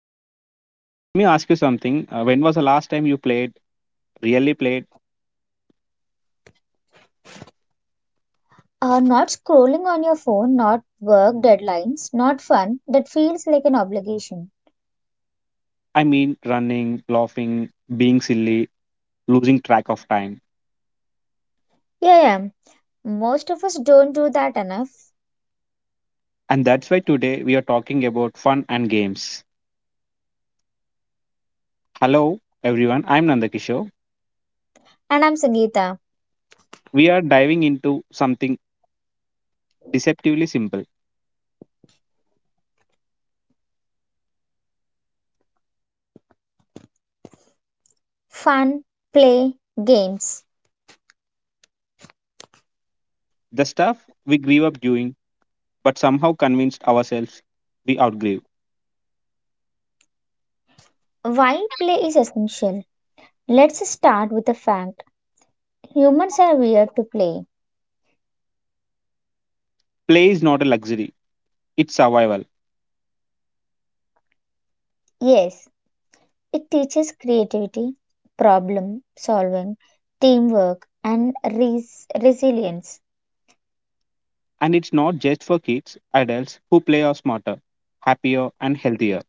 good. Let me ask you something. When was the last time you played, really played? Not scrolling on your phone, not work deadlines, not fun that feels like an obligation. I mean, running, laughing, being silly, losing track of time. Yeah, yeah. Most of us don't do that enough. And that's why today we are talking about fun and games. Hello, everyone. I'm Nandakishore. And I'm Sangeeta. We are diving into something deceptively simple, Fun, play, games. the stuff we grew up doing, but somehow convinced ourselves we outgrew. Why play is essential? Let's start with the fact humans are weird to play. Play is not a luxury, it's survival. Yes, it teaches creativity, problem solving, teamwork, and resilience. And it's not just for kids, adults who play are smarter, happier, and healthier.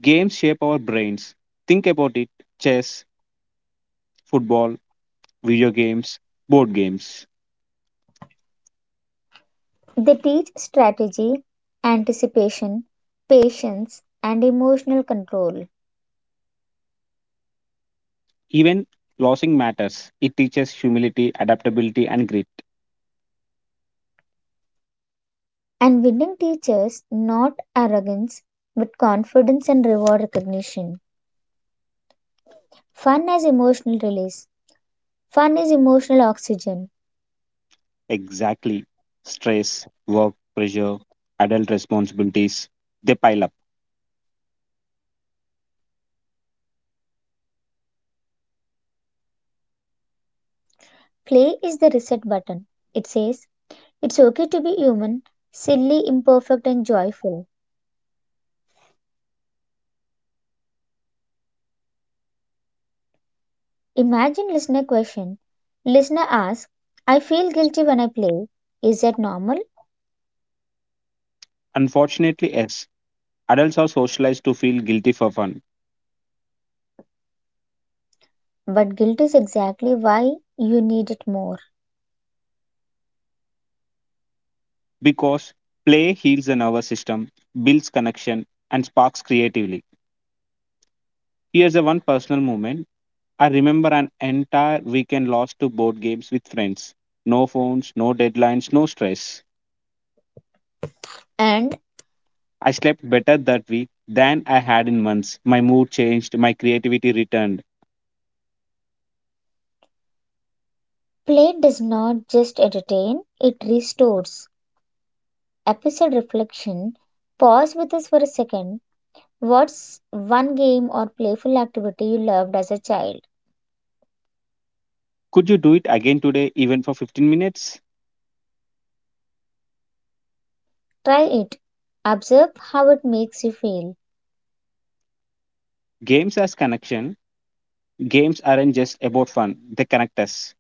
Games shape our brains. Think about it: chess, football, video games, board games. They teach strategy, anticipation, patience, and emotional control. Even losing matters. It teaches humility, adaptability, and grit. And winning teaches not arrogance but confidence and reward recognition. Fun as emotional release. Fun is emotional oxygen. Exactly. Stress, work, pressure, adult responsibilities, they pile up. Play is the reset button. It says, it's okay to be human, silly, imperfect, and joyful. Imagine listener question. Listener asks, I feel guilty when I play. Is that normal? Unfortunately, yes, adults are socialized to feel guilty for fun But guilt is exactly why you need it more. because play heals the nervous system, builds connection, and sparks creatively. Here's a one personal moment. I remember an entire weekend lost to board games with friends. No phones, no deadlines, no stress. And I slept better that week than I had in months. My mood changed, my creativity returned. play does not just entertain, it restores. Episode reflection. Pause with us for a second. What's one game or playful activity you loved as a child? Could you do it again today, even for 15 minutes? Try it. Observe how it makes you feel. Games as connection. Games aren't just about fun, they connect us.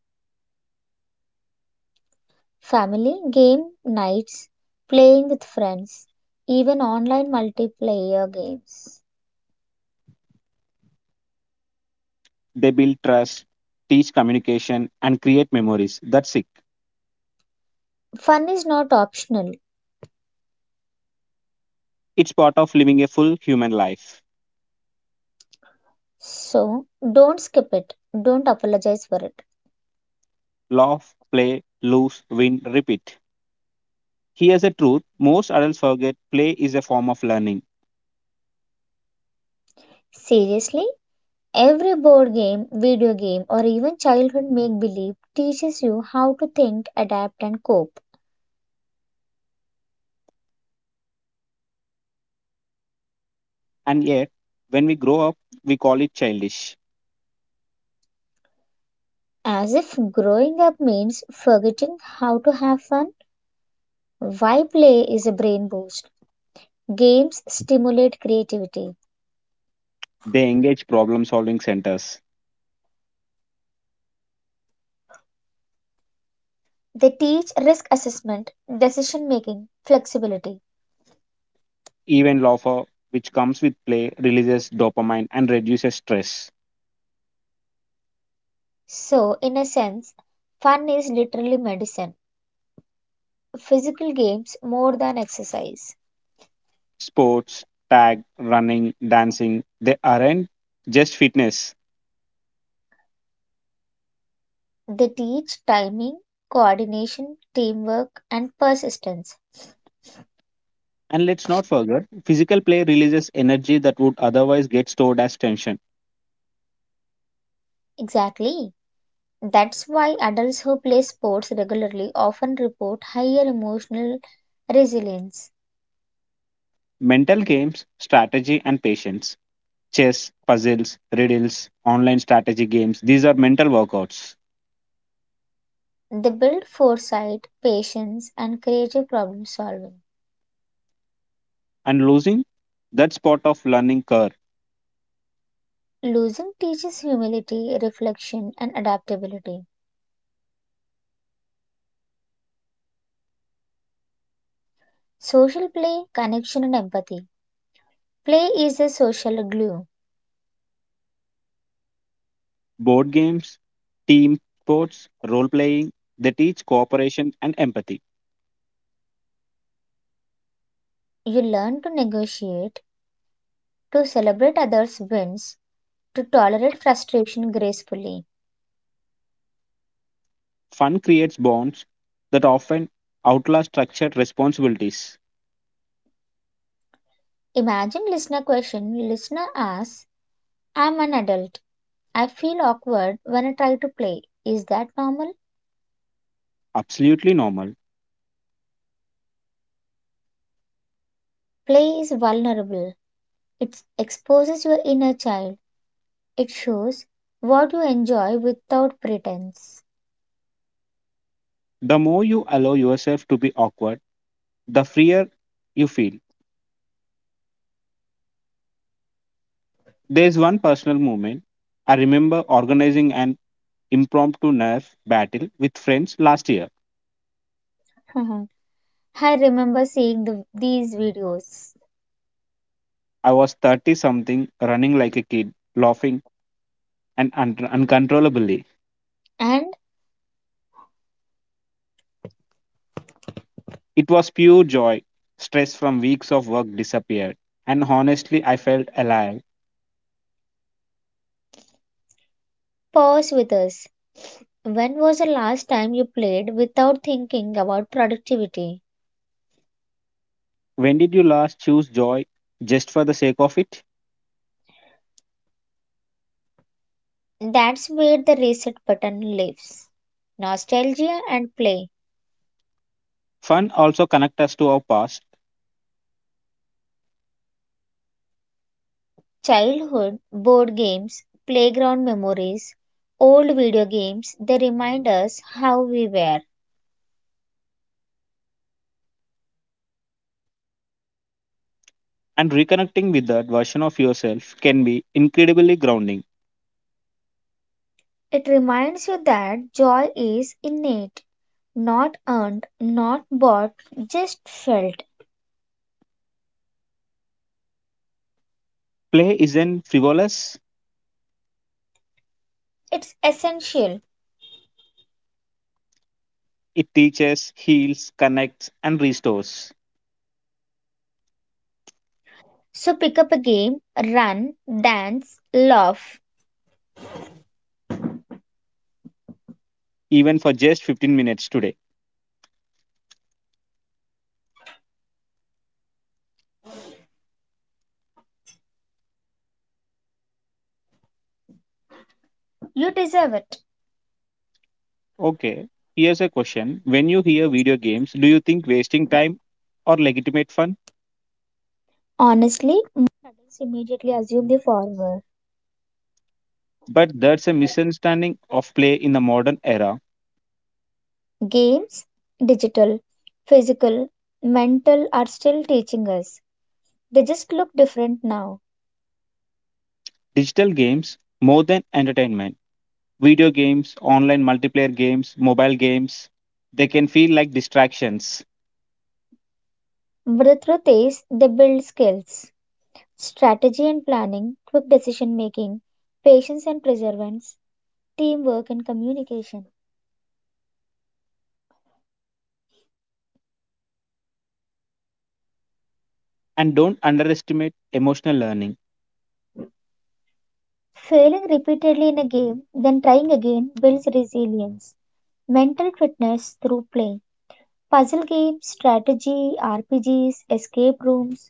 Family game nights, playing with friends, even online multiplayer games. They build trust, teach communication, and create memories. That's it. Fun is not optional, It's part of living a full human life. so don't skip it. Don't apologize for it. Laugh, play, lose, win, repeat. Here's the truth: most adults forget play is a form of learning, Seriously, every board game, video game, or even childhood make believe teaches you how to think, adapt, and cope. and yet, when we grow up, we call it childish. As if growing up means forgetting how to have fun. Why play is a brain boost. Games stimulate creativity. They engage problem solving centers. They teach risk assessment, decision making, flexibility. Even laughter, which comes with play, releases dopamine and reduces stress. So, in a sense, fun is literally medicine. Physical games more than exercise. Sports, tag, running, dancing, they aren't just fitness. They teach timing, coordination, teamwork, and persistence. And let's not forget, physical play releases energy that would otherwise get stored as tension. Exactly. That's why adults who play sports regularly often report higher emotional resilience. Mental games, strategy, and patience: chess, puzzles, riddles, online strategy games. These are mental workouts. They build foresight, patience, and creative problem solving. And losing, that's part of learning curve. Losing teaches humility, reflection, and adaptability. Social play, connection, and empathy. Play is a social glue. Board games, team sports, role playing, they teach cooperation and empathy. You learn to negotiate, to celebrate others' wins, to tolerate frustration gracefully. Fun creates bonds that often outlast structured responsibilities. Imagine listener question. Listener asks, I'm an adult. I feel awkward when I try to play. Is that normal? Absolutely normal. Play is vulnerable. It exposes your inner child. It shows what you enjoy without pretense. The more you allow yourself to be awkward, the freer you feel. There's one personal moment. I remember organizing an impromptu nerf battle with friends last year. I remember seeing these videos. I was 30 something, running like a kid, laughing and uncontrollably. And It was pure joy. Stress from weeks of work disappeared, and honestly, I felt alive. pause with us. When was the last time you played without thinking about productivity? When did you last choose joy just for the sake of it? That's where the reset button lives. Nostalgia and play, Fun also connects us to our past, childhood, board games, playground memories, old video games, they remind us how we were. and reconnecting with that version of yourself can be incredibly grounding. It reminds you that joy is innate, not earned, not bought, just felt. Play isn't frivolous, It's essential. it teaches, heals, connects, and restores, So pick up a game, run, dance, laugh. even for just 15 minutes today. You deserve it. Okay, here's a question. When you hear video games, do you think wasting time or legitimate fun? But that's a misunderstanding of play in the modern era. Games, digital, physical, mental are still teaching us. They just look different now. Digital games, more than entertainment, video games, online multiplayer games, mobile games, they can feel like distractions. But the truth is, they build skills, strategy and planning, quick decision making, patience and perseverance, teamwork and communication. And don't underestimate emotional learning. Failing repeatedly in a game, then trying again builds resilience. Mental fitness through play. Puzzle games, strategy, RPGs, escape rooms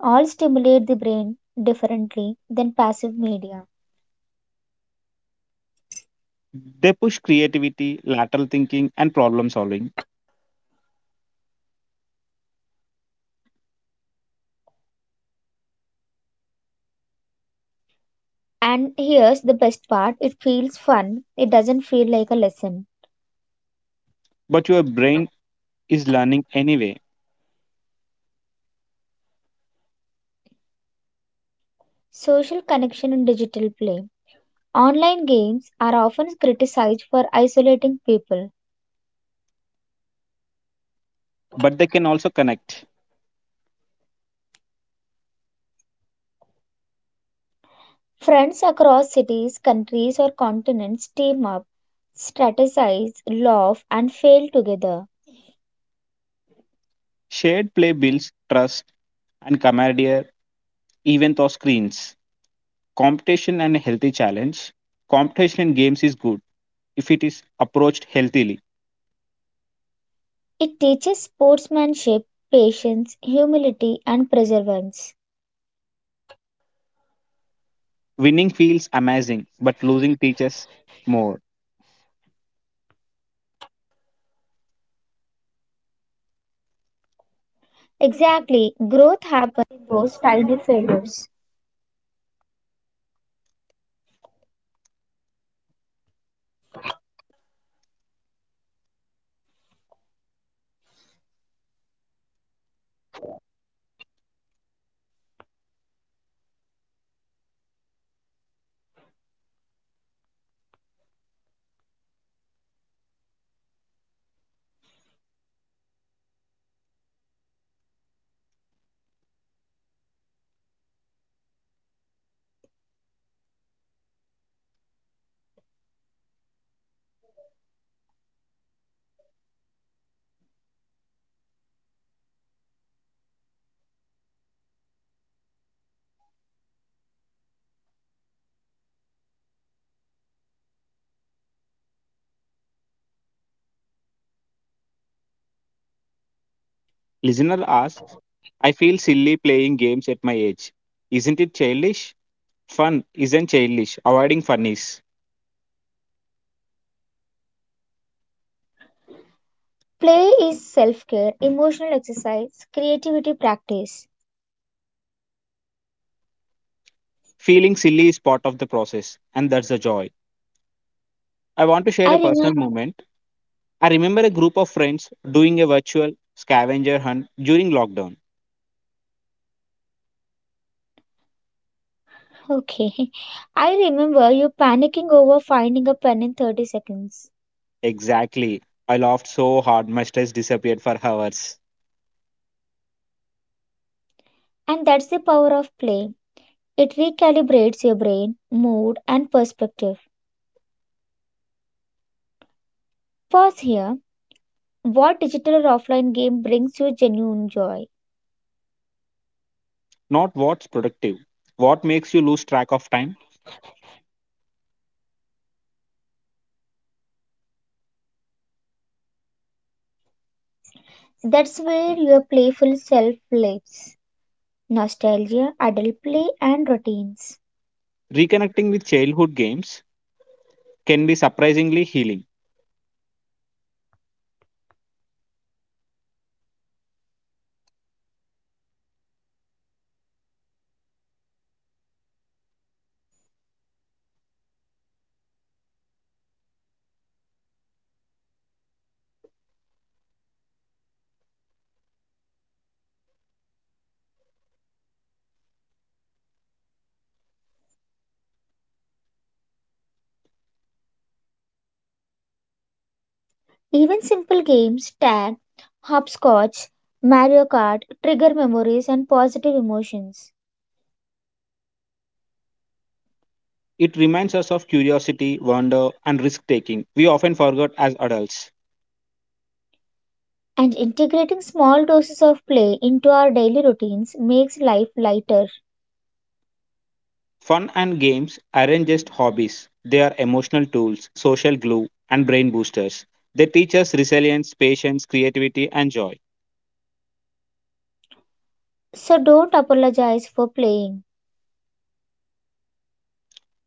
all stimulate the brain differently than passive media. They push creativity, lateral thinking, and problem solving. And here's the best part, it feels fun, it doesn't feel like a lesson. But your brain is learning anyway. Social connection and digital play. Online games are often criticized for isolating people. But they can also connect. Friends across cities, countries, or continents team up, strategize, laugh, and fail together. Shared play builds trust and camaraderie even through screens. Competition and a healthy challenge. Competition in games is good if it is approached healthily. It teaches sportsmanship, patience, humility, and perseverance. Winning feels amazing, but losing teaches more. Exactly, growth happens in those tiny failures. Listener asks, I feel silly playing games at my age. Isn't it childish? Fun isn't childish. Avoiding fun is. Play is self care, emotional exercise, creativity practice. Feeling silly is part of the process, and that's the joy. I want to share I a remember, personal moment. I remember a group of friends doing a virtual scavenger hunt during lockdown. okay, I remember you panicking over finding a pen in 30 seconds. Exactly. I laughed so hard, my stress disappeared for hours. And that's the power of play. It recalibrates your brain, mood, and perspective. Pause here. What digital or offline game brings you genuine joy? Not what's productive, what makes you lose track of time. That's where your playful self lives. Nostalgia, adult play, and routines. Reconnecting with childhood games can be surprisingly healing. Even simple games, tag, hopscotch, Mario Kart, trigger memories and positive emotions. It reminds us of curiosity, wonder, and risk taking we often forget as adults. And integrating small doses of play into our daily routines makes life lighter. Fun and games aren't just hobbies, they are emotional tools, social glue, and brain boosters. They teach us resilience, patience, creativity, and joy. So don't apologize for playing.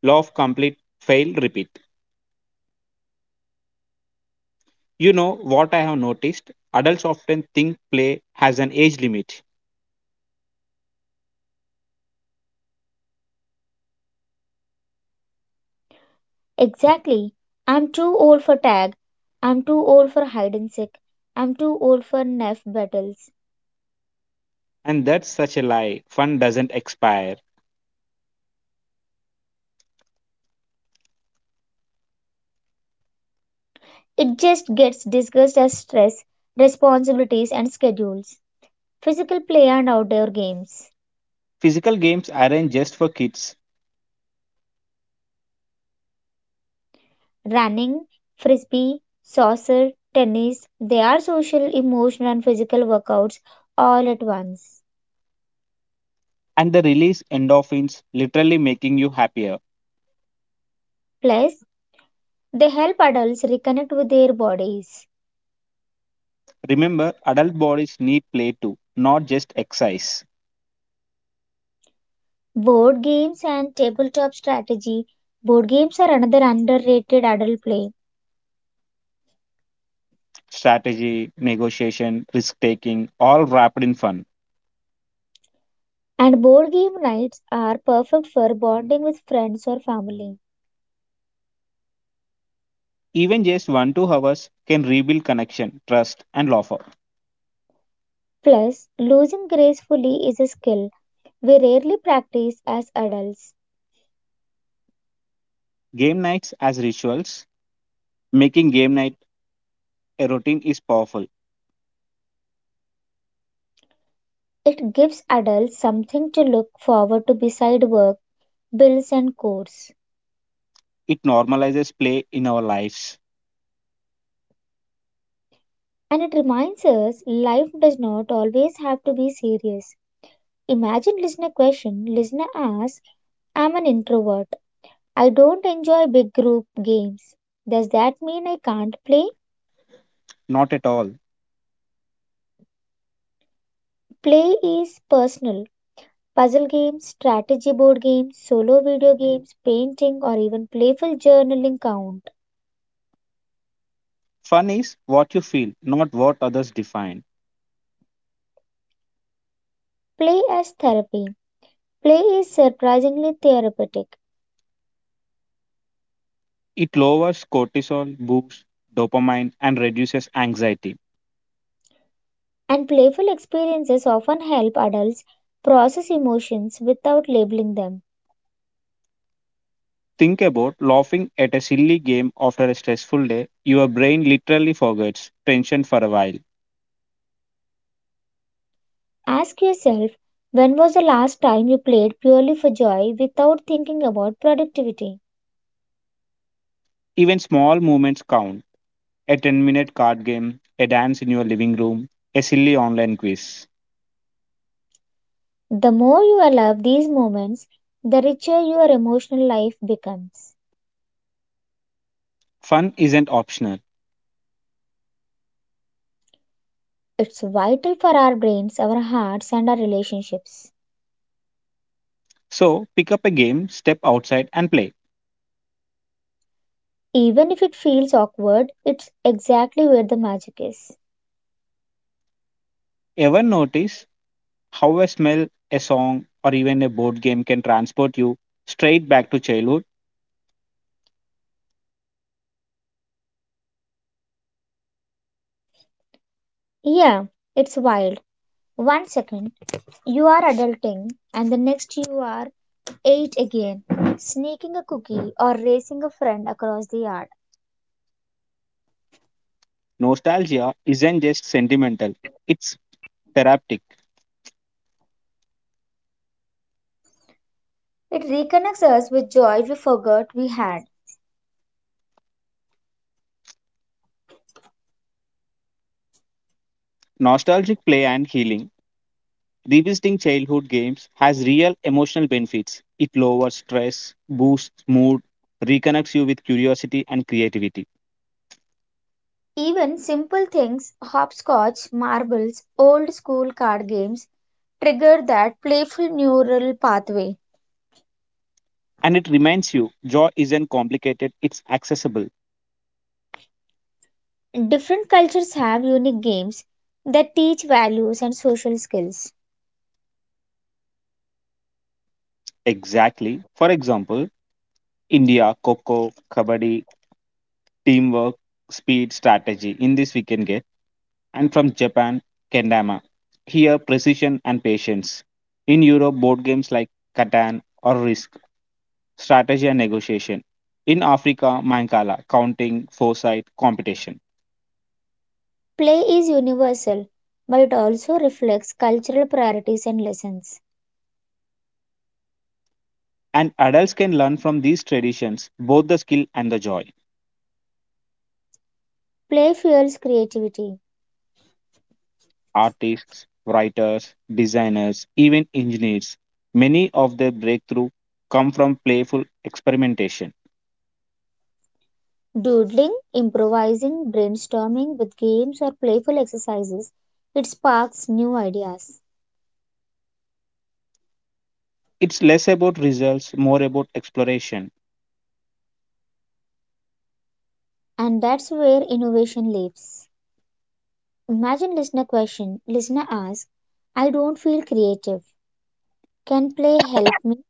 Law of complete fail repeat. You know what I have noticed? Adults often think play has an age limit, Exactly. I'm too old for tag. I'm too old for hide and seek. I'm too old for knife battles. and that's such a lie. Fun doesn't expire. It just gets discussed as stress, responsibilities, and schedules. Physical play and outdoor games. Physical games aren't just for kids, Running, frisbee, soccer, tennis. They are social, emotional, and physical workouts all at once. and they release endorphins, literally making you happier. Plus, they help adults reconnect with their bodies. Remember, adult bodies need play too, not just exercise. Board games and tabletop strategy. Board games are another underrated adult play, Strategy, negotiation, risk taking, all wrapped in fun. and board game nights are perfect for bonding with friends or family. Even just 1 2 hours can rebuild connection, trust, and laughter. Plus, losing gracefully is a skill we rarely practice as adults. Game nights as rituals, making game night a routine is powerful. It gives adults something to look forward to beside work, bills and chores. It normalizes play in our lives. And it reminds us life does not always have to be serious. Imagine listener question, listener asks, I'm an introvert. I don't enjoy big group games. Does that mean I can't play? Not at all. Play is personal. Puzzle games, strategy board games, solo video games, painting, or even playful journaling count. Fun is what you feel, not what others define. Play as therapy. Play is surprisingly therapeutic. It lowers cortisol, boosts dopamine, and reduces anxiety. And playful experiences often help adults process emotions without labeling them. Think about laughing at a silly game after a stressful day. Your brain literally forgets tension for a while. Ask yourself, when was the last time you played purely for joy without thinking about productivity? Even small movements count. A 10-minute card game, a dance in your living room, a silly online quiz. The more you allow these moments, the richer your emotional life becomes. Fun isn't optional. It's vital for our brains, our hearts, and our relationships. So pick up a game, step outside, and play. Even if it feels awkward, it's exactly where the magic is. Ever notice how a smell, a song, or even a board game can transport you straight back to childhood? Yeah, it's wild. One second. You are adulting, and the next you are eight again, sneaking a cookie or racing a friend across the yard. Nostalgia isn't just sentimental, it's therapeutic. It reconnects us with joy we forgot we had. Nostalgic play and healing. Revisiting childhood games has real emotional benefits. It lowers stress, boosts mood, reconnects you with curiosity and creativity. Even simple things, hopscotch, marbles, old school card games, trigger that playful neural pathway. And it reminds you joy isn't complicated, it's accessible. Different cultures have unique games that teach values and social skills. Exactly. For example, India, Coco, Kabaddi, teamwork, speed, strategy in this we can get. And from Japan, kendama. Here, precision and patience. In Europe, board games like Catan or Risk, strategy and negotiation. In Africa, Mancala, counting, foresight, competition. Play is universal, but it also reflects cultural priorities and lessons. And adults can learn from these traditions, both the skill and the joy. Play fuels creativity. Artists, writers, designers, even engineers, many of their breakthrough come from playful experimentation. Doodling, improvising, brainstorming with games or playful exercises, it sparks new ideas. It's less about results, more about exploration. And that's where innovation lives. Imagine listener question. Listener asks, I don't feel creative. Can play help me?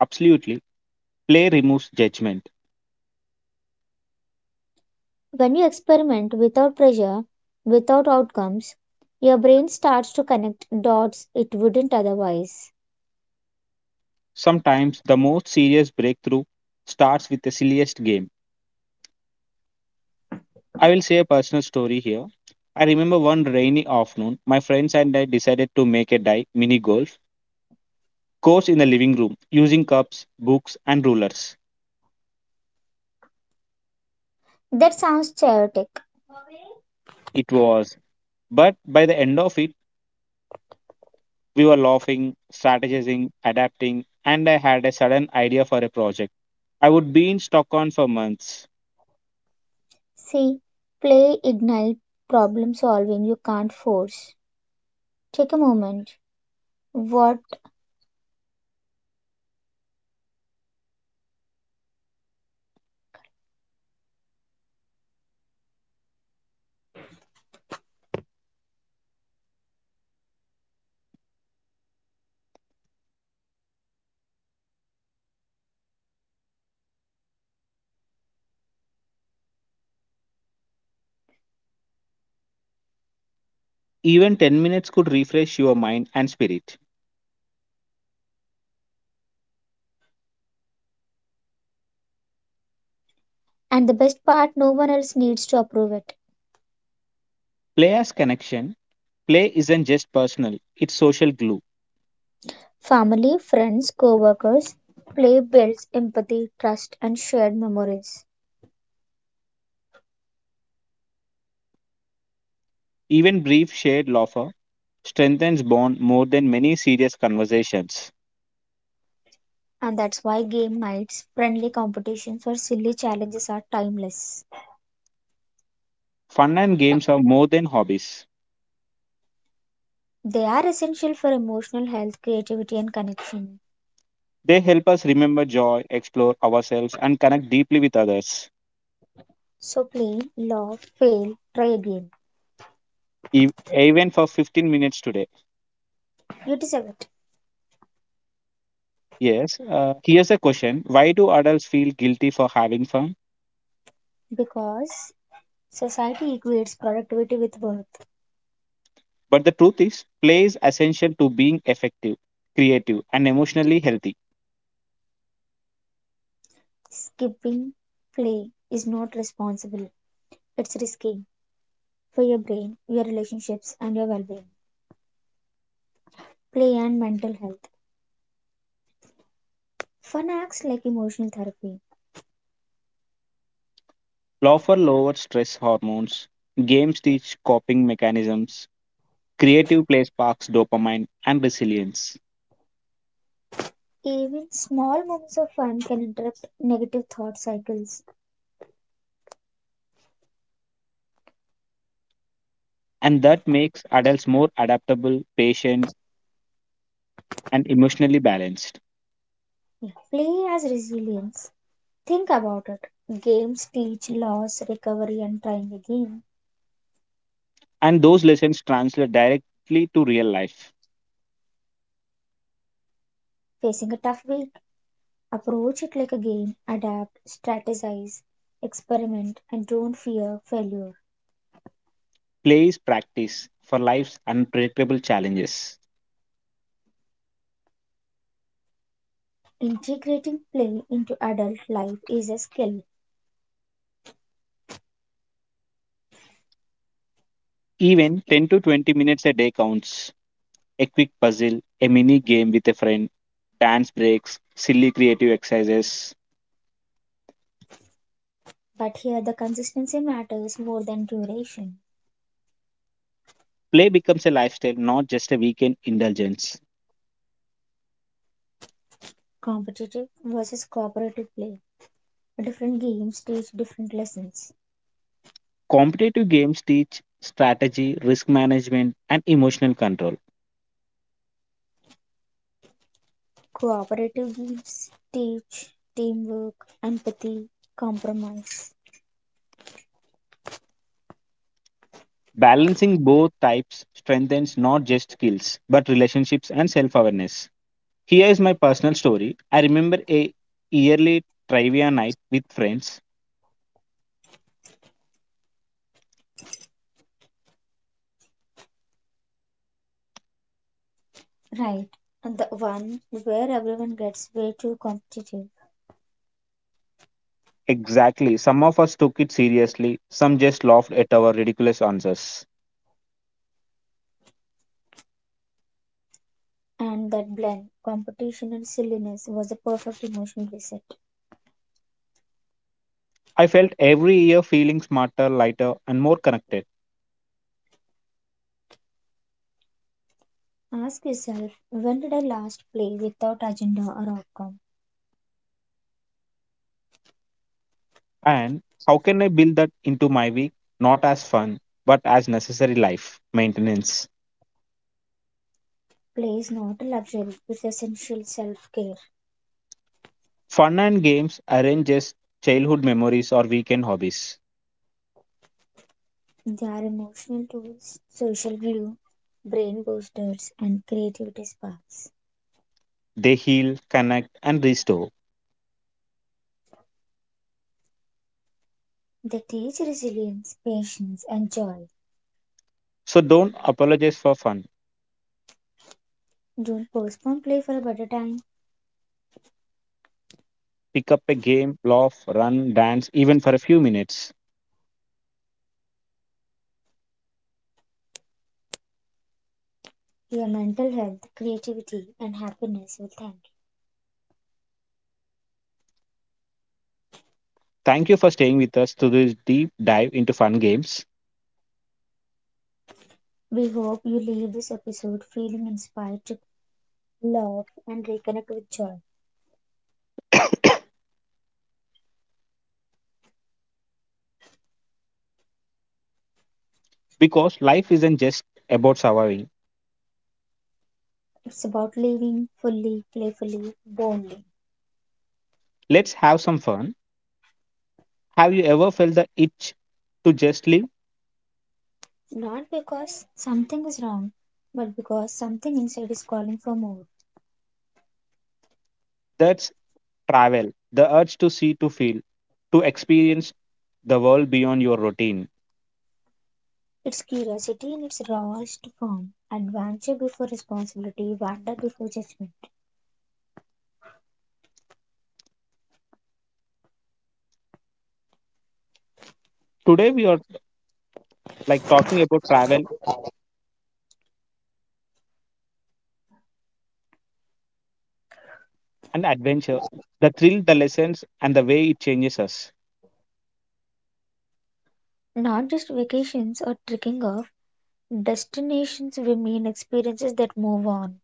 Absolutely. Play removes judgment. When you experiment without pressure, without outcomes, your brain starts to connect dots it wouldn't otherwise. Sometimes the most serious breakthrough starts with the silliest game. I will say a personal story here. I remember one rainy afternoon, my friends and I decided to make a mini golf course in the living room using cups, books, and rulers. That sounds chaotic. It was, but by the end of it, we were laughing, strategizing, adapting, and I had a sudden idea for a project I would be in Stockholm for months. See, play ignite problem solving you can't force. Take a moment. What? Even 10 minutes could refresh your mind and spirit. And the best part, no one else needs to approve it. Play as connection. Play isn't just personal, it's social glue. Family, friends, co-workers, play builds empathy, trust and shared memories. Even brief shared laughter strengthens bond more than many serious conversations. And that's why game nights, friendly competitions or silly challenges are timeless. Fun and games are more than hobbies. They are essential for emotional health, creativity and connection. They help us remember joy, explore ourselves, and connect deeply with others. So play, love, fail, try again. E- Even for 15 minutes today. You deserve it Yes, here's a question: why do adults feel guilty for having fun? because society equates productivity with worth. But the truth is, play is essential to being effective, creative, and emotionally healthy. Skipping play is not responsible, it's risky for your brain, your relationships, and your well being. Play and mental health. Fun acts like emotional therapy. Laughter lowers stress hormones, games teach coping mechanisms, creative play sparks dopamine and resilience. Even small moments of fun can interrupt negative thought cycles. And that makes adults more adaptable, patient, and emotionally balanced. Yeah. Play as resilience. Think about it. Games teach loss, recovery, and trying again. And those lessons translate directly to real life. Facing a tough week, approach it like a game, adapt, strategize, experiment, and don't fear failure. Play is practice for life's unpredictable challenges. Integrating play into adult life is a skill, Even 10 to 20 minutes a day counts. A quick puzzle, a mini game with a friend, dance breaks, silly creative exercises. but here the consistency matters more than duration. Play becomes a lifestyle, not just a weekend indulgence. Competitive versus cooperative play. Different games teach different lessons. Competitive games teach strategy, risk management, and emotional control. Cooperative games teach teamwork, empathy, compromise. Balancing both types strengthens not just skills, but relationships and self awareness. Here is my personal story. I remember a yearly trivia night with friends. Right, and the one where everyone gets way too competitive. Exactly. Some of us took it seriously, some just laughed at our ridiculous answers. And that blend, competition and silliness, was a perfect emotional reset. I felt every year feeling smarter, lighter, and more connected. Ask yourself, when did I last play without agenda or outcome? And how can I build that into my week? Not as fun, but as necessary life maintenance. Play is not a luxury, it's essential self care. Fun and games aren't just childhood memories or weekend hobbies. They are emotional tools, social glue, brain boosters, and creativity sparks. They heal, connect, and restore. They teach resilience, patience, and joy. So don't apologize for fun. Don't postpone play for a better time. Pick up a game, laugh, run, dance, even for a few minutes. Your mental health, creativity, and happiness will thank you. Thank you for staying with us through this deep dive into fun games We hope you leave this episode feeling inspired to love, and reconnect with joy. because life isn't just about surviving. It's about living fully, playfully, boldly. Let's have some fun. Have you ever felt the itch to just live? Not because something is wrong, but because something inside is calling for more. That's travel, the urge to see, to feel, to experience the world beyond your routine. It's curiosity in its rawest form, adventure before responsibility, wonder before judgment. Today, we are like talking about travel and adventure, the thrill, the lessons, and the way it changes us. Not just vacations or trekking off, destinations remain experiences that move on.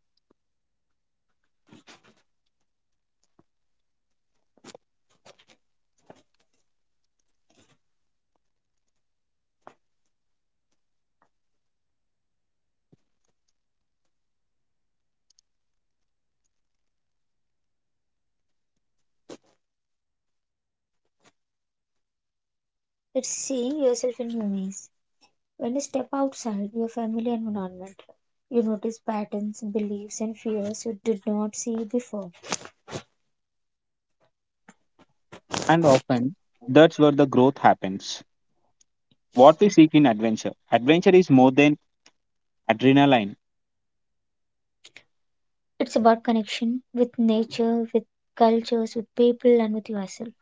It's seeing yourself in new ways. When you step outside your family environment, you notice patterns, beliefs, and fears you did not see before. And often, that's where the growth happens. What we seek in adventure is more than adrenaline, It's about connection with nature, with cultures, with people, and with yourself.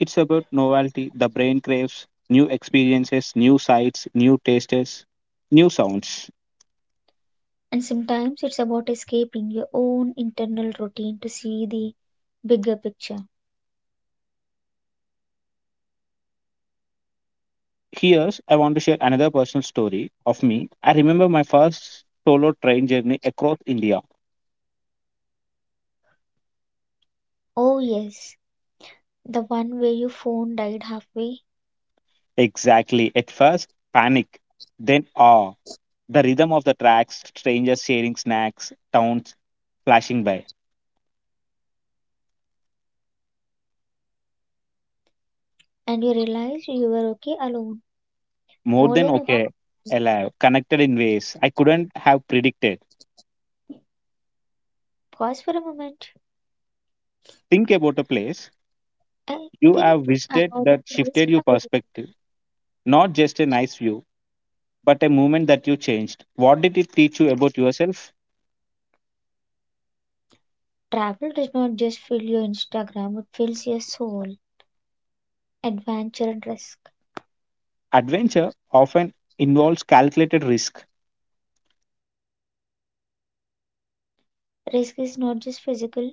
it's about novelty, the brain craves new experiences, new sights, new tastes, new sounds. And sometimes it's about escaping your own internal routine to see the bigger picture. Here's I want to share another personal story of me. I remember my first solo train journey across India. Oh, yes, the one where your phone died halfway Exactly. At first, panic, then awe. The rhythm of the tracks, strangers sharing snacks, towns flashing by. and you realized you were okay alone. More More than than okay. okay, alive, connected in ways I couldn't have predicted. Pause for a moment. Think about a place I you think have visited about the that places shifted your I— perspective. Not just a nice view, but a moment that you changed. What did it teach you about yourself? travel does not just fill your Instagram, it fills your soul. Adventure and risk. Adventure often involves calculated risk, Risk is not just physical,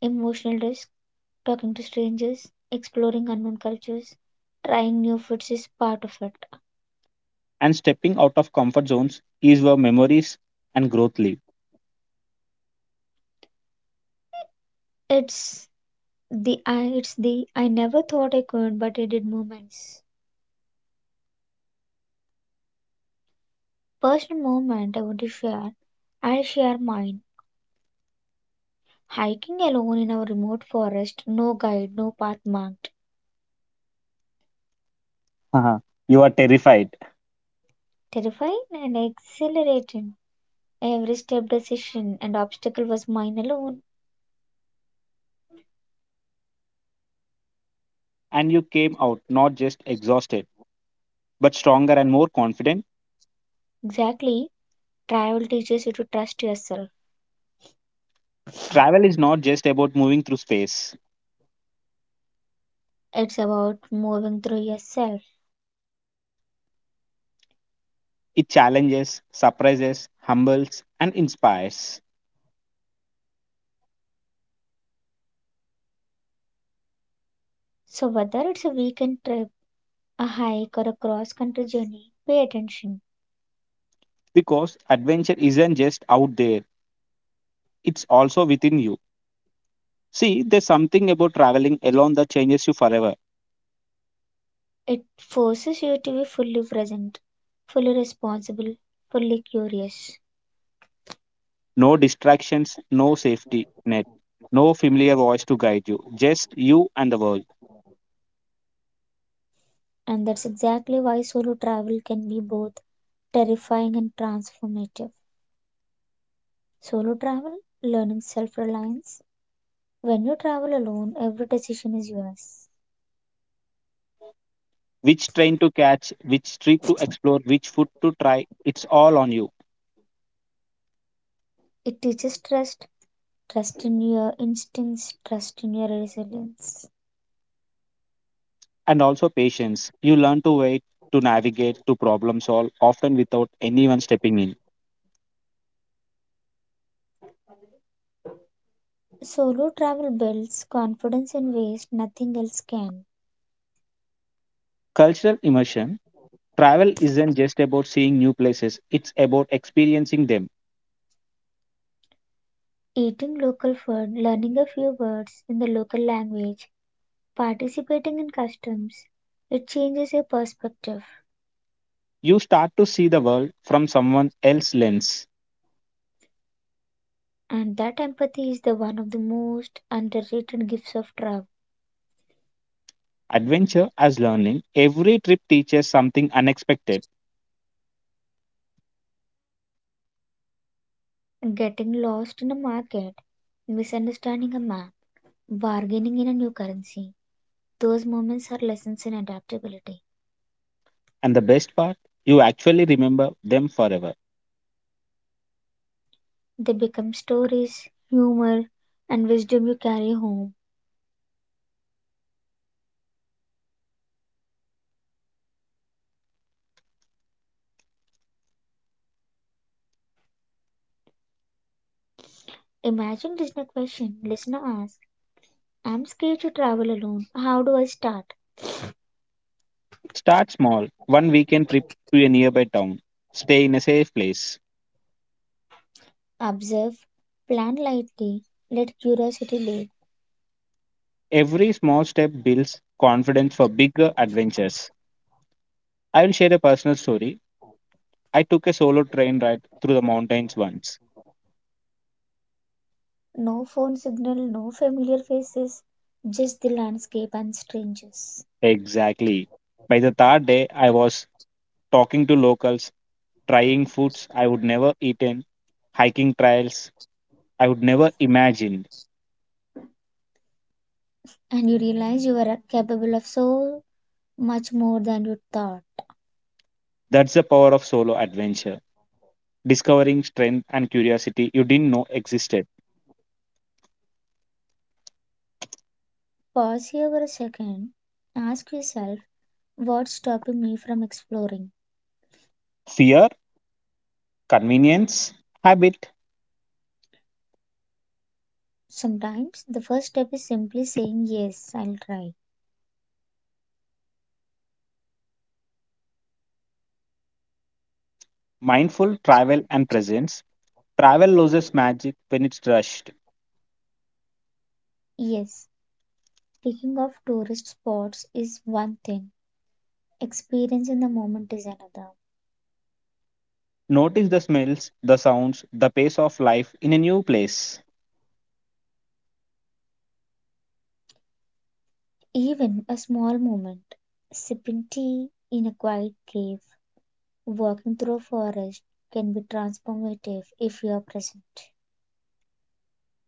emotional risk, talking to strangers, exploring unknown cultures, trying new foods is part of it. and stepping out of comfort zones is where memories and growth live. It's it's the I never thought I could but I did moments. Personal moment I want to share. I'll share mine. Hiking alone in our remote forest, no guide, no path marked. Uh-huh. You are terrified. Terrifying and exhilarating. Every step, decision, and obstacle was mine alone. And you came out not just exhausted, but stronger and more confident. Exactly. Travel teaches you to trust yourself. Travel is not just about moving through space, It's about moving through yourself. it challenges, surprises, humbles, and inspires. So, whether it's a weekend trip, a hike, or a cross country journey, pay attention. Because adventure isn't just out there, it's also within you. See, there's something about traveling alone that changes you forever. It forces you to be fully present, fully responsible, fully curious. No distractions, no safety net, no familiar voice to guide you, just you and the world. And that's exactly why solo travel can be both terrifying and transformative. Solo travel, learning self reliance. When you travel alone, every decision is yours. Which train to catch, which street to explore, which food to try, it's all on you. It teaches trust, trust in your instincts, trust in your resilience. And also patience. You learn to wait, to navigate, to problem solve, often without anyone stepping in. Solo travel builds confidence in ways nothing else can. Cultural immersion. Travel isn't just about seeing new places, it's about experiencing them. Eating local food, learning a few words in the local language, participating in customs, it changes your perspective. You start to see the world from someone else's lens. And that empathy is the one of the most underrated gifts of travel. Adventure as learning. Every trip teaches something unexpected. Getting lost in a market, misunderstanding a map, bargaining in a new currency. Those moments are lessons in adaptability. And the best part, you actually remember them forever. They become stories, humor, and wisdom you carry home. Imagine Disney question. Listener asks, I'm scared to travel alone. How do I start? Start small, one weekend trip to a nearby town, stay in a safe place. Observe, plan lightly, let curiosity lead. Every small step builds confidence for bigger adventures. I will share a personal story. I took a solo train ride through the mountains once. No phone signal, no familiar faces, just the landscape and strangers. Exactly. By the third day, I was talking to locals, trying foods I would never eaten, hiking trails I would never imagined. And you realize you are capable of so much more than you thought. That's the power of solo adventure, discovering strength and curiosity you didn't know existed. Pause here for a second. Ask yourself, what's stopping me from exploring? Fear, convenience, habit, Sometimes the first step is simply saying, yes, I'll try. mindful travel, and presence. Travel loses magic when it's rushed. Yes, taking off tourist spots is one thing, experience in the moment is another. Notice the smells, the sounds, the pace of life in a new place. Even a small moment, sipping tea in a quiet cave, walking through a forest can be transformative if you are present.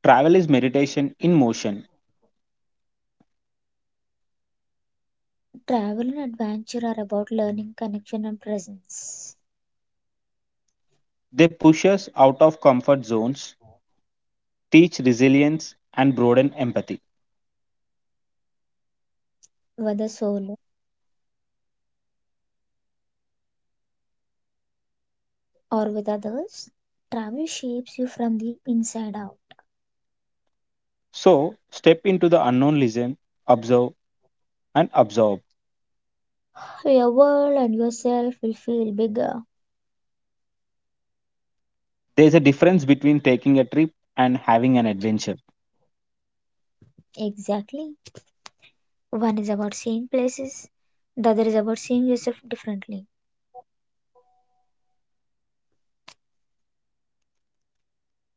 Travel is meditation in motion. Travel and adventure are about learning, connection, and presence, They push us out of comfort zones, teach resilience, and broaden empathy. whether solo or with others. Travel shapes you from the inside out. So, step into the unknown, listen, observe, and absorb. So your world and yourself will feel bigger. There's a difference between taking a trip and having an adventure. Exactly. One is about seeing places, the other is about seeing yourself differently.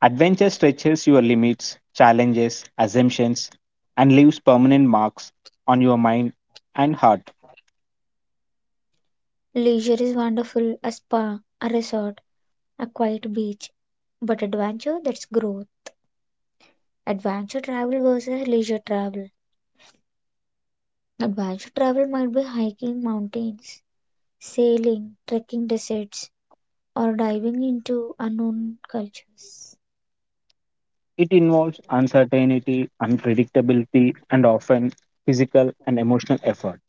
Adventure stretches your limits, challenges assumptions, and leaves permanent marks on your mind and heart. Leisure is wonderful, a spa, a resort, a quiet beach. But adventure, that's growth. Adventure travel versus leisure travel. Adventure travel might be hiking mountains, sailing, trekking deserts, or diving into unknown cultures. It involves uncertainty, unpredictability, and often physical and emotional effort.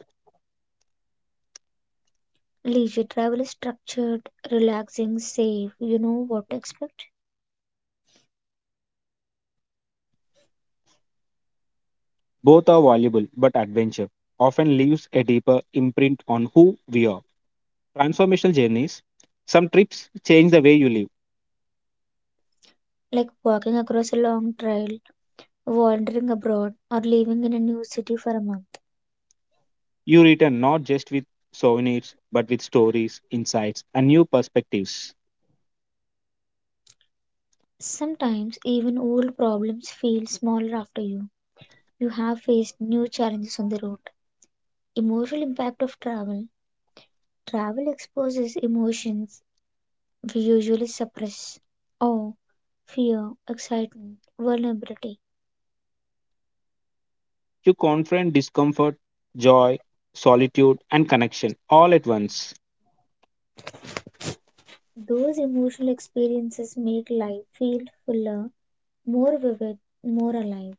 Leisure travel is structured, relaxing, safe, you know what to expect. Both are valuable, but adventure often leaves a deeper imprint on who we are. Transformational journeys. Some trips change the way you live. Like walking across a long trail, wandering abroad, or living in a new city for a month. You return not just with souvenirs, but with stories, insights, and new perspectives. Sometimes even old problems feel smaller after you. You have faced new challenges on the road. Emotional impact of travel. Travel exposes emotions we usually suppress. Awe, fear, excitement, vulnerability. You confront discomfort, joy, solitude, and connection all at once. Those emotional experiences make life feel fuller, more vivid, more alive.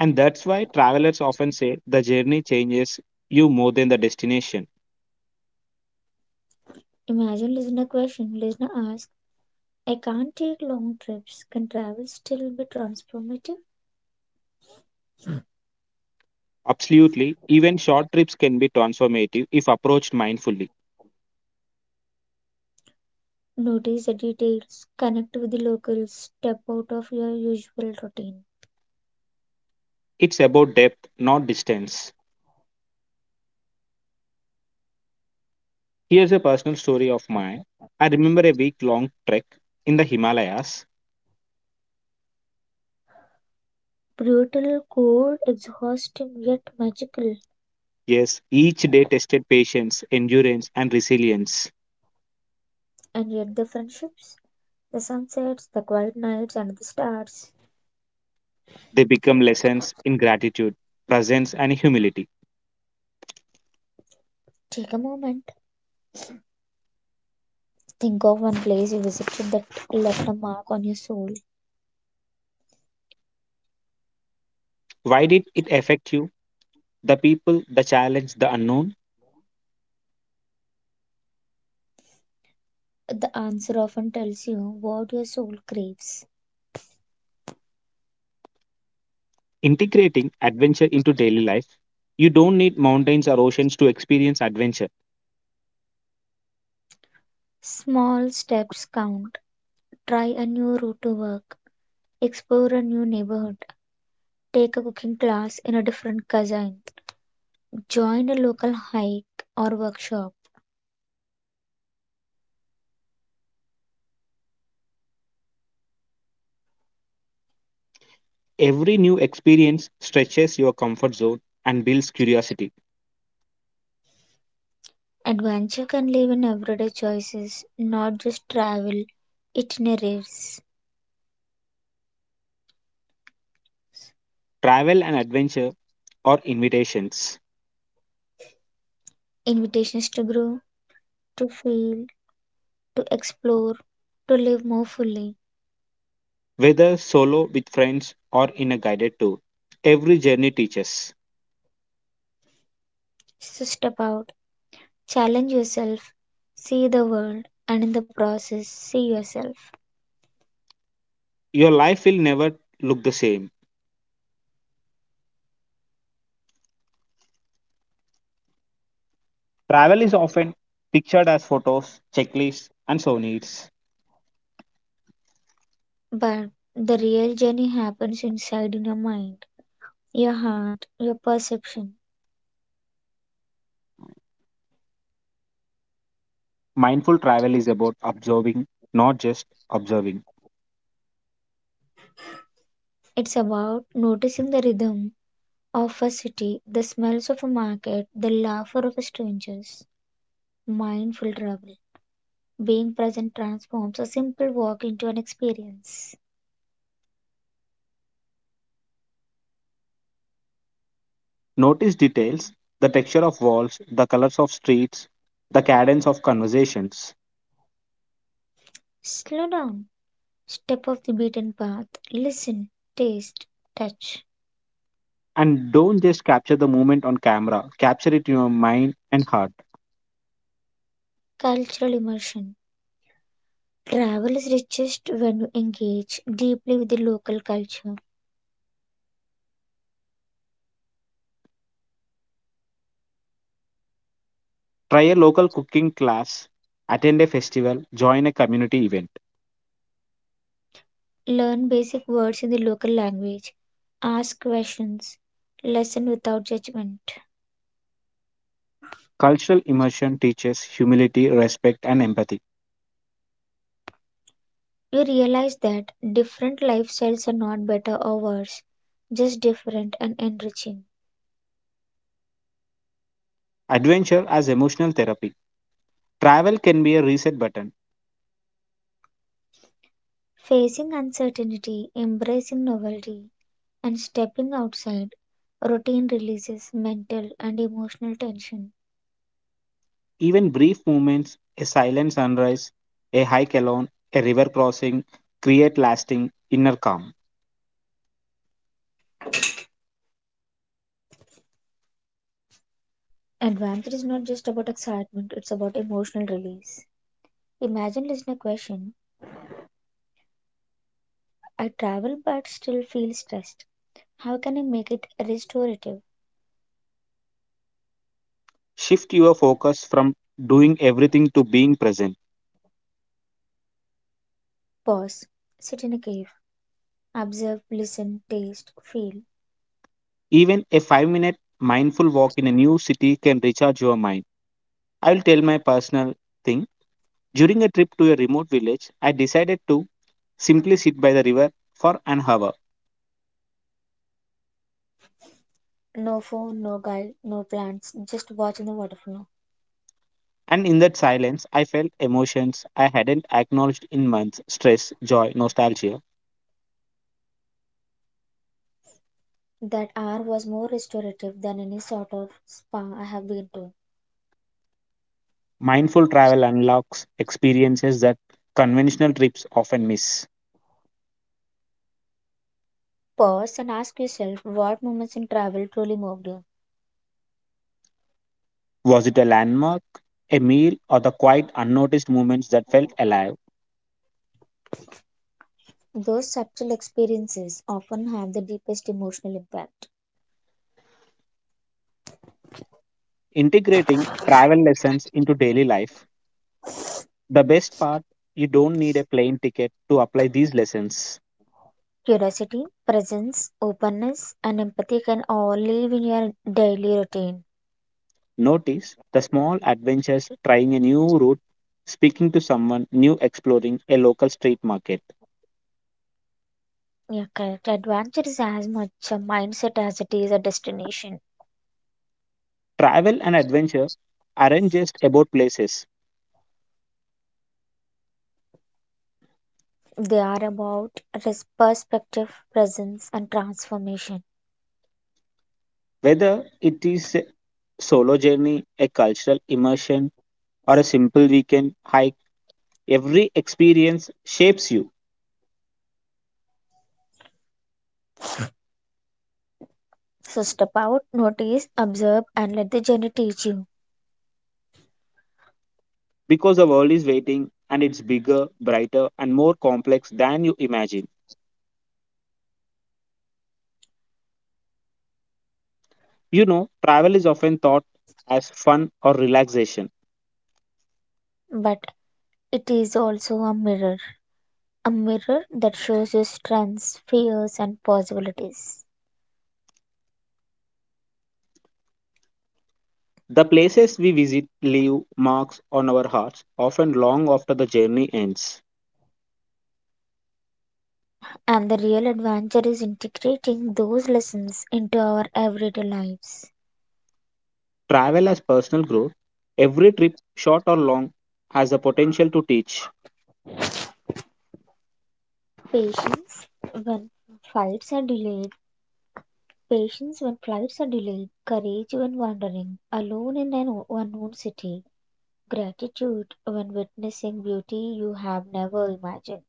And that's why travelers often say the journey changes you more than the destination. Imagine listener question. Listener asks, I can't take long trips. Can travel still be transformative? Absolutely, even short trips can be transformative if approached mindfully. Notice the details, connect with the locals, step out of your usual routine. It's about depth, not distance. Here's a personal story of mine. I remember a week long trek in the Himalayas. Brutal, cold, exhausting, yet magical. Yes, each day tested patience, endurance, and resilience. And yet the friendships, the sunsets, the quiet nights, and the stars. They become lessons in gratitude, presence, and humility. Take a moment. Think of one place you visited that left a mark on your soul. Why did it affect you? The people, the challenge, the unknown? The answer often tells you what your soul craves. Integrating adventure into daily life. You don't need mountains or oceans to experience adventure. Small steps count. Try a new route to work. Explore a new neighborhood. Take a cooking class in a different cuisine. Join a local hike or workshop. Every new experience stretches your comfort zone and builds curiosity. Adventure can live in everyday choices, not just travel itineraries. Travel and adventure are invitations, Invitations to grow, to feel, to explore, to live more fully. whether solo with friends or in a guided tour. Every journey teaches. So step out, challenge yourself, see the world, and in the process, see yourself. Your life will never look the same. Travel is often pictured as photos, checklists, and souvenirs. But the real journey happens inside in your mind, your heart, your perception. Mindful travel is about observing, not just observing. It's about noticing the rhythm of a city, the smells of a market, the laughter of strangers. Mindful travel. Being present transforms a simple walk into an experience. Notice details, the texture of walls, the colors of streets, the cadence of conversations. Slow down. Step off the beaten path. Listen, taste, touch. And don't just capture the moment on camera, capture it in your mind and heart. Cultural immersion. Travel is richest when you engage deeply with the local culture. Try a local cooking class, attend a festival, join a community event. Learn basic words in the local language. Ask questions. Listen without judgment. Cultural immersion teaches humility, respect, and empathy. You realize that different lifestyles are not better or worse, just different and enriching. Adventure as emotional therapy. Travel can be a reset button. Facing uncertainty, embracing novelty, and stepping outside routine releases mental and emotional tension. Even brief moments, a silent sunrise, a hike alone, a river crossing, create lasting inner calm. Adventure is not just about excitement, it's about emotional release. Imagine listener question, I travel but still feel stressed. How can I make it restorative? Shift your focus from doing everything to being present. Pause, sit in a cave, observe, listen, taste, feel. Even a 5 minute mindful walk in a new city can recharge your mind. I will tell my personal thing. During a trip to a remote village, I decided to simply sit by the river for an hour. No phone, no guide, no plans, just watching the waterfall. And in that silence, I felt emotions I hadn't acknowledged in months: stress, joy, nostalgia. That hour was more restorative than any sort of spa I have been to. Mindful travel unlocks experiences that conventional trips often miss. Pause and ask yourself what moments in travel truly moved you. Was it a landmark, a meal, or the quiet, unnoticed moments that felt alive? Those subtle experiences often have the deepest emotional impact. Integrating travel lessons into daily life. The best part, you don't need a plane ticket to apply these lessons. Curiosity, presence, openness, and empathy can all live in your daily routine. Notice the small adventures, trying a new route, speaking to someone new, exploring a local street market. Yeah, correct. Adventure is as much a mindset as it is a destination. Travel and adventure aren't just about places. They are about perspective, presence, and transformation. Whether it is solo journey, a cultural immersion, or a simple weekend hike, every experience shapes you, So step out, notice, observe, and let the journey teach you. because the world is waiting and it's bigger, brighter, and more complex than you imagine. You know, travel is often thought as fun or relaxation. But it is also a mirror that shows your strengths, fears, and possibilities. The places we visit leave marks on our hearts, often long after the journey ends. And the real adventure is integrating those lessons into our everyday lives. Travel as personal growth, every trip, short or long, has the potential to teach, Patience when flights are delayed, patience when flights are delayed, courage when wandering alone in an unknown city, gratitude when witnessing beauty you have never imagined.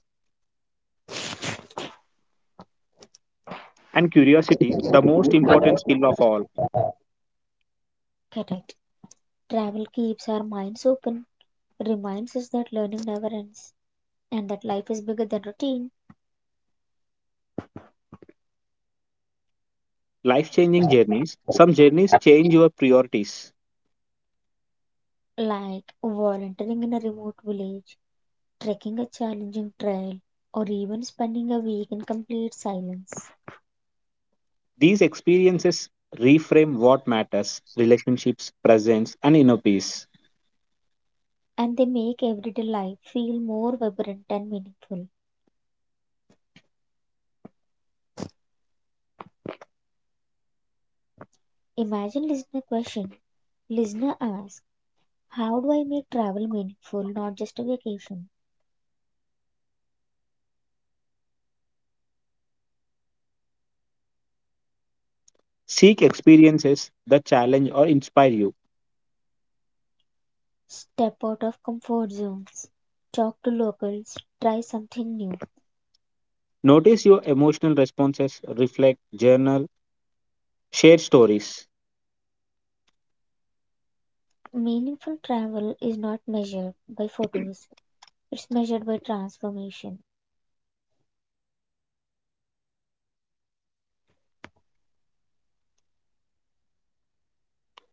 and curiosity, the most important skill of all. Correct. Travel keeps our minds open, reminds us that learning never ends, and that life is bigger than routine, Life changing journeys, some journeys change your priorities. like volunteering in a remote village, trekking a challenging trail, or even spending a week in complete silence. These experiences reframe what matters: relationships, presence, and inner peace. And they make everyday life feel more vibrant and meaningful. Imagine listener question. Listener asks, how do I make travel meaningful, not just a vacation? Seek experiences that challenge or inspire you. Step out of comfort zones, talk to locals, try something new. Notice your emotional responses, reflect, journal, share stories. Meaningful travel is not measured by photos, it's measured by transformation.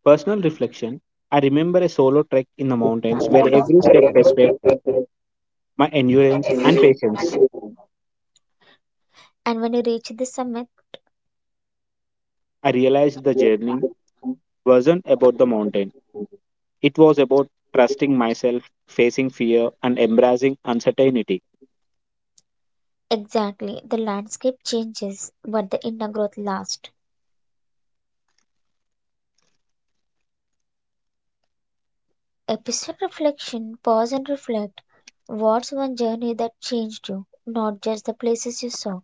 Personal reflection. I remember a solo trek in the mountains where every step tested my endurance and patience. And when you reach the summit, I realized the journey wasn't about the mountain. It was about trusting myself, facing fear, and embracing uncertainty. exactly, the landscape changes, but the inner growth lasts. Episode reflection, pause and reflect. What's one journey that changed you, not just the places you saw?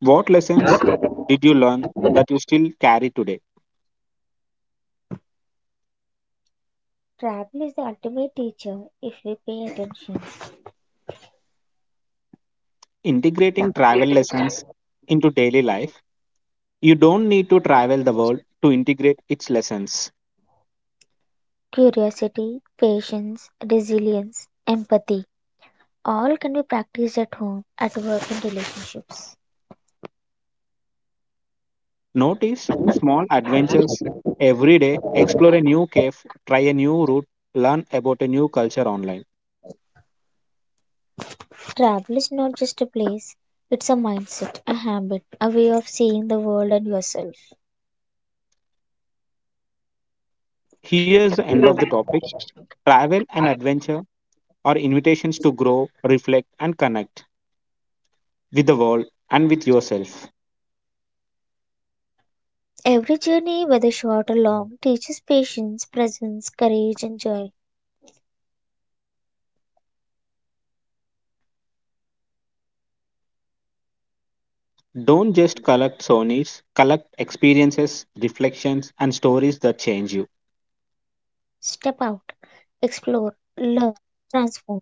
What lessons did you learn that you still carry today? Travel is the ultimate teacher if we pay attention. Integrating travel lessons into daily life. You don't need to travel the world to integrate its lessons. Curiosity, patience, resilience, empathy all can be practiced at home, at work, and relationships. Notice small adventures every day, explore a new cave, try a new route, learn about a new culture online. Travel is not just a place, it's a mindset, a habit, a way of seeing the world and yourself. Here's the end of the topic. Travel and adventure are invitations to grow, reflect, and connect with the world, and with yourself. Every journey, whether short or long, teaches patience, presence, courage, and joy. Don't just collect souvenirs, collect experiences, reflections, and stories that change you. Step out, explore, learn, transform.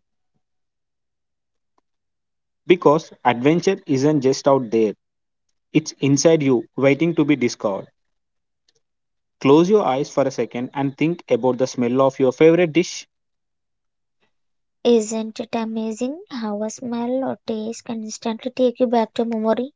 Because adventure isn't just out there, it's inside you, waiting to be discovered. Close your eyes for a second and think about the smell of your favorite dish. Isn't it amazing how a smell or taste can instantly take you back to memory?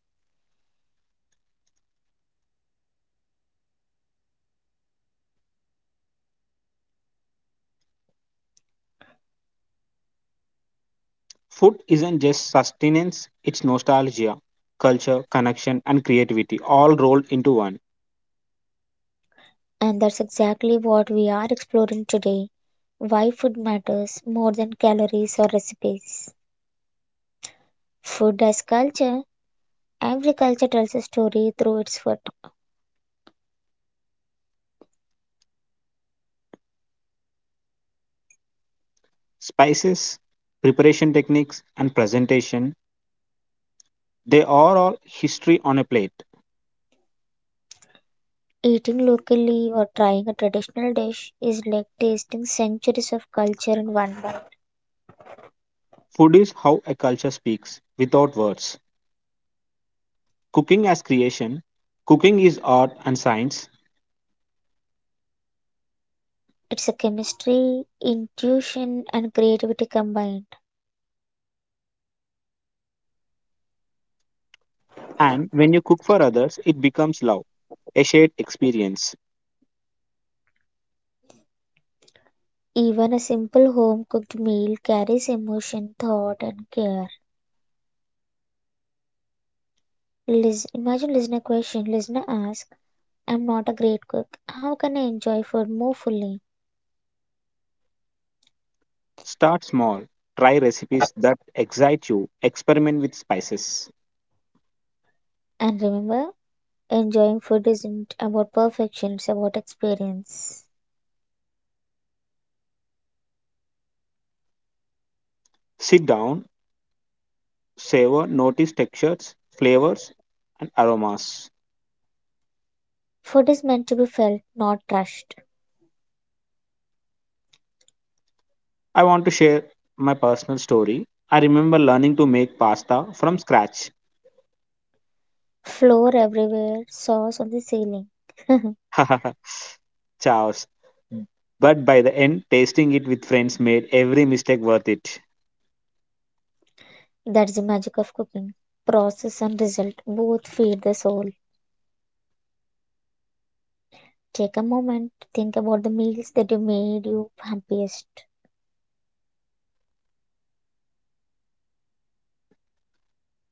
Food isn't just sustenance, it's nostalgia, culture, connection, and creativity all rolled into one. And that's exactly what we are exploring today. Why food matters more than calories or recipes. Food as culture. Every culture tells a story through its food. Spices, preparation techniques, and presentation, they are all history on a plate. Eating locally or trying a traditional dish is like tasting centuries of culture in one bite. Food is how a culture speaks without words. Cooking as creation, cooking is art and science, It's a chemistry, intuition, and creativity combined. and when you cook for others, it becomes love, a shared experience. Even a simple home cooked meal carries emotion, thought, and care. Imagine listener question. Listener ask, I'm not a great cook. How can I enjoy food more fully? Start small, try recipes that excite you, experiment with spices. And remember, enjoying food isn't about perfection, it's about experience. Sit down, savor, notice textures, flavors, and aromas. Food is meant to be felt, not rushed. I want to share my personal story. I remember learning to make pasta from scratch. Flour everywhere, sauce on the ceiling. Chaos. But by the end, tasting it with friends made every mistake worth it. That's the magic of cooking. Process and result both feed the soul. Take a moment, think about the meals that you made you happiest.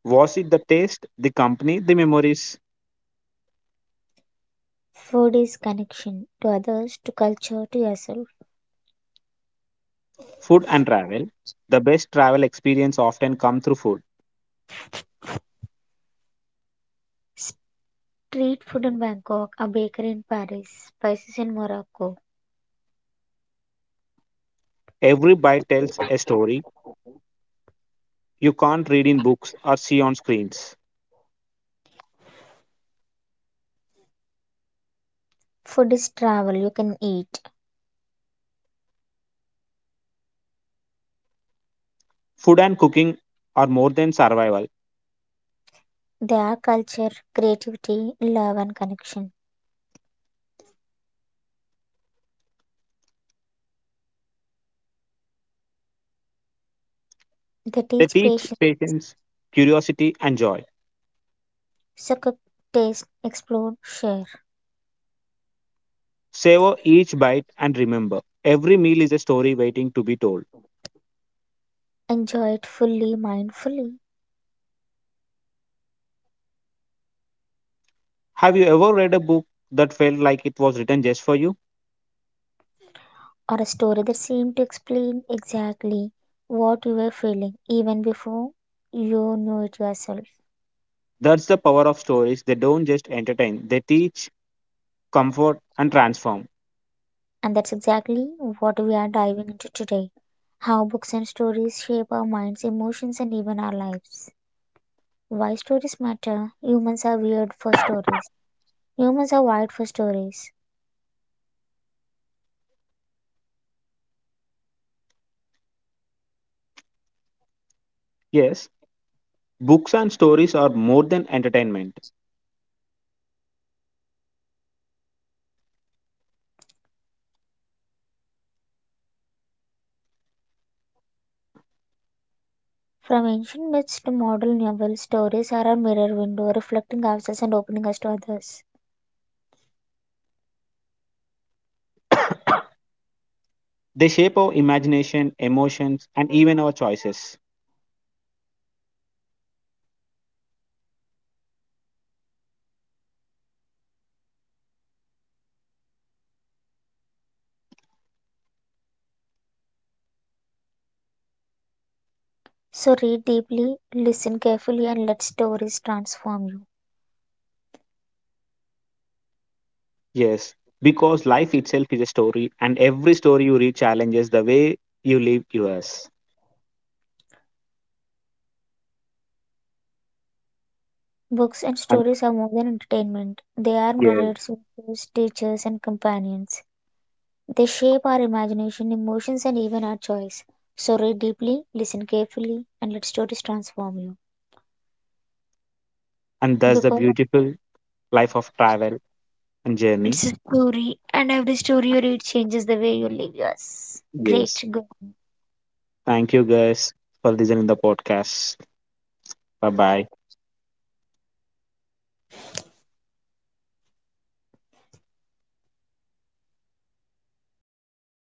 Was it the taste, the company, the memories, Food is connection to others, to culture, to yourself. food, and travel? The best travel experience often come through food. Street food in Bangkok, a bakery in Paris, spices in Morocco. Every bite tells a story you can't read in books or see on screens. Food is travel you can eat. Food and cooking are more than survival. They are culture, creativity, love, and connection. They They teach teach patience. patience, curiosity, and joy. So cook, taste, explore, share. Savor each bite and remember, every meal is a story waiting to be told. Enjoy it fully, mindfully, Have you ever read a book that felt like it was written just for you? or a story that seemed to explain exactly what you were feeling even before you knew it yourself. That's the power of stories. They don't just entertain, they teach, comfort, and transform. And that's exactly what we are diving into today, how books and stories shape our minds, emotions, and even our lives. Why stories matter? Humans are weird for stories. Humans are wired for stories. Yes, books and stories are more than entertainment. From ancient myths to modern novels, stories are our mirror window, reflecting ourselves and opening us to others. They shape our imagination, emotions, and even our choices. So read deeply, listen carefully, and let stories transform you. Yes, because life itself is a story, and every story you read challenges the way you live yours. Books and And, stories are more than entertainment, they are yes. mirrors, mentors, teachers, and companions. They shape our imagination, emotions, and even our choice. So read deeply, listen carefully, and let stories transform you. And that's the Because beautiful life of travel and journey. it's a story, and every story you read changes the way you live yours. Great, Yes. good. Thank you guys for listening the podcast. Bye bye. Apena.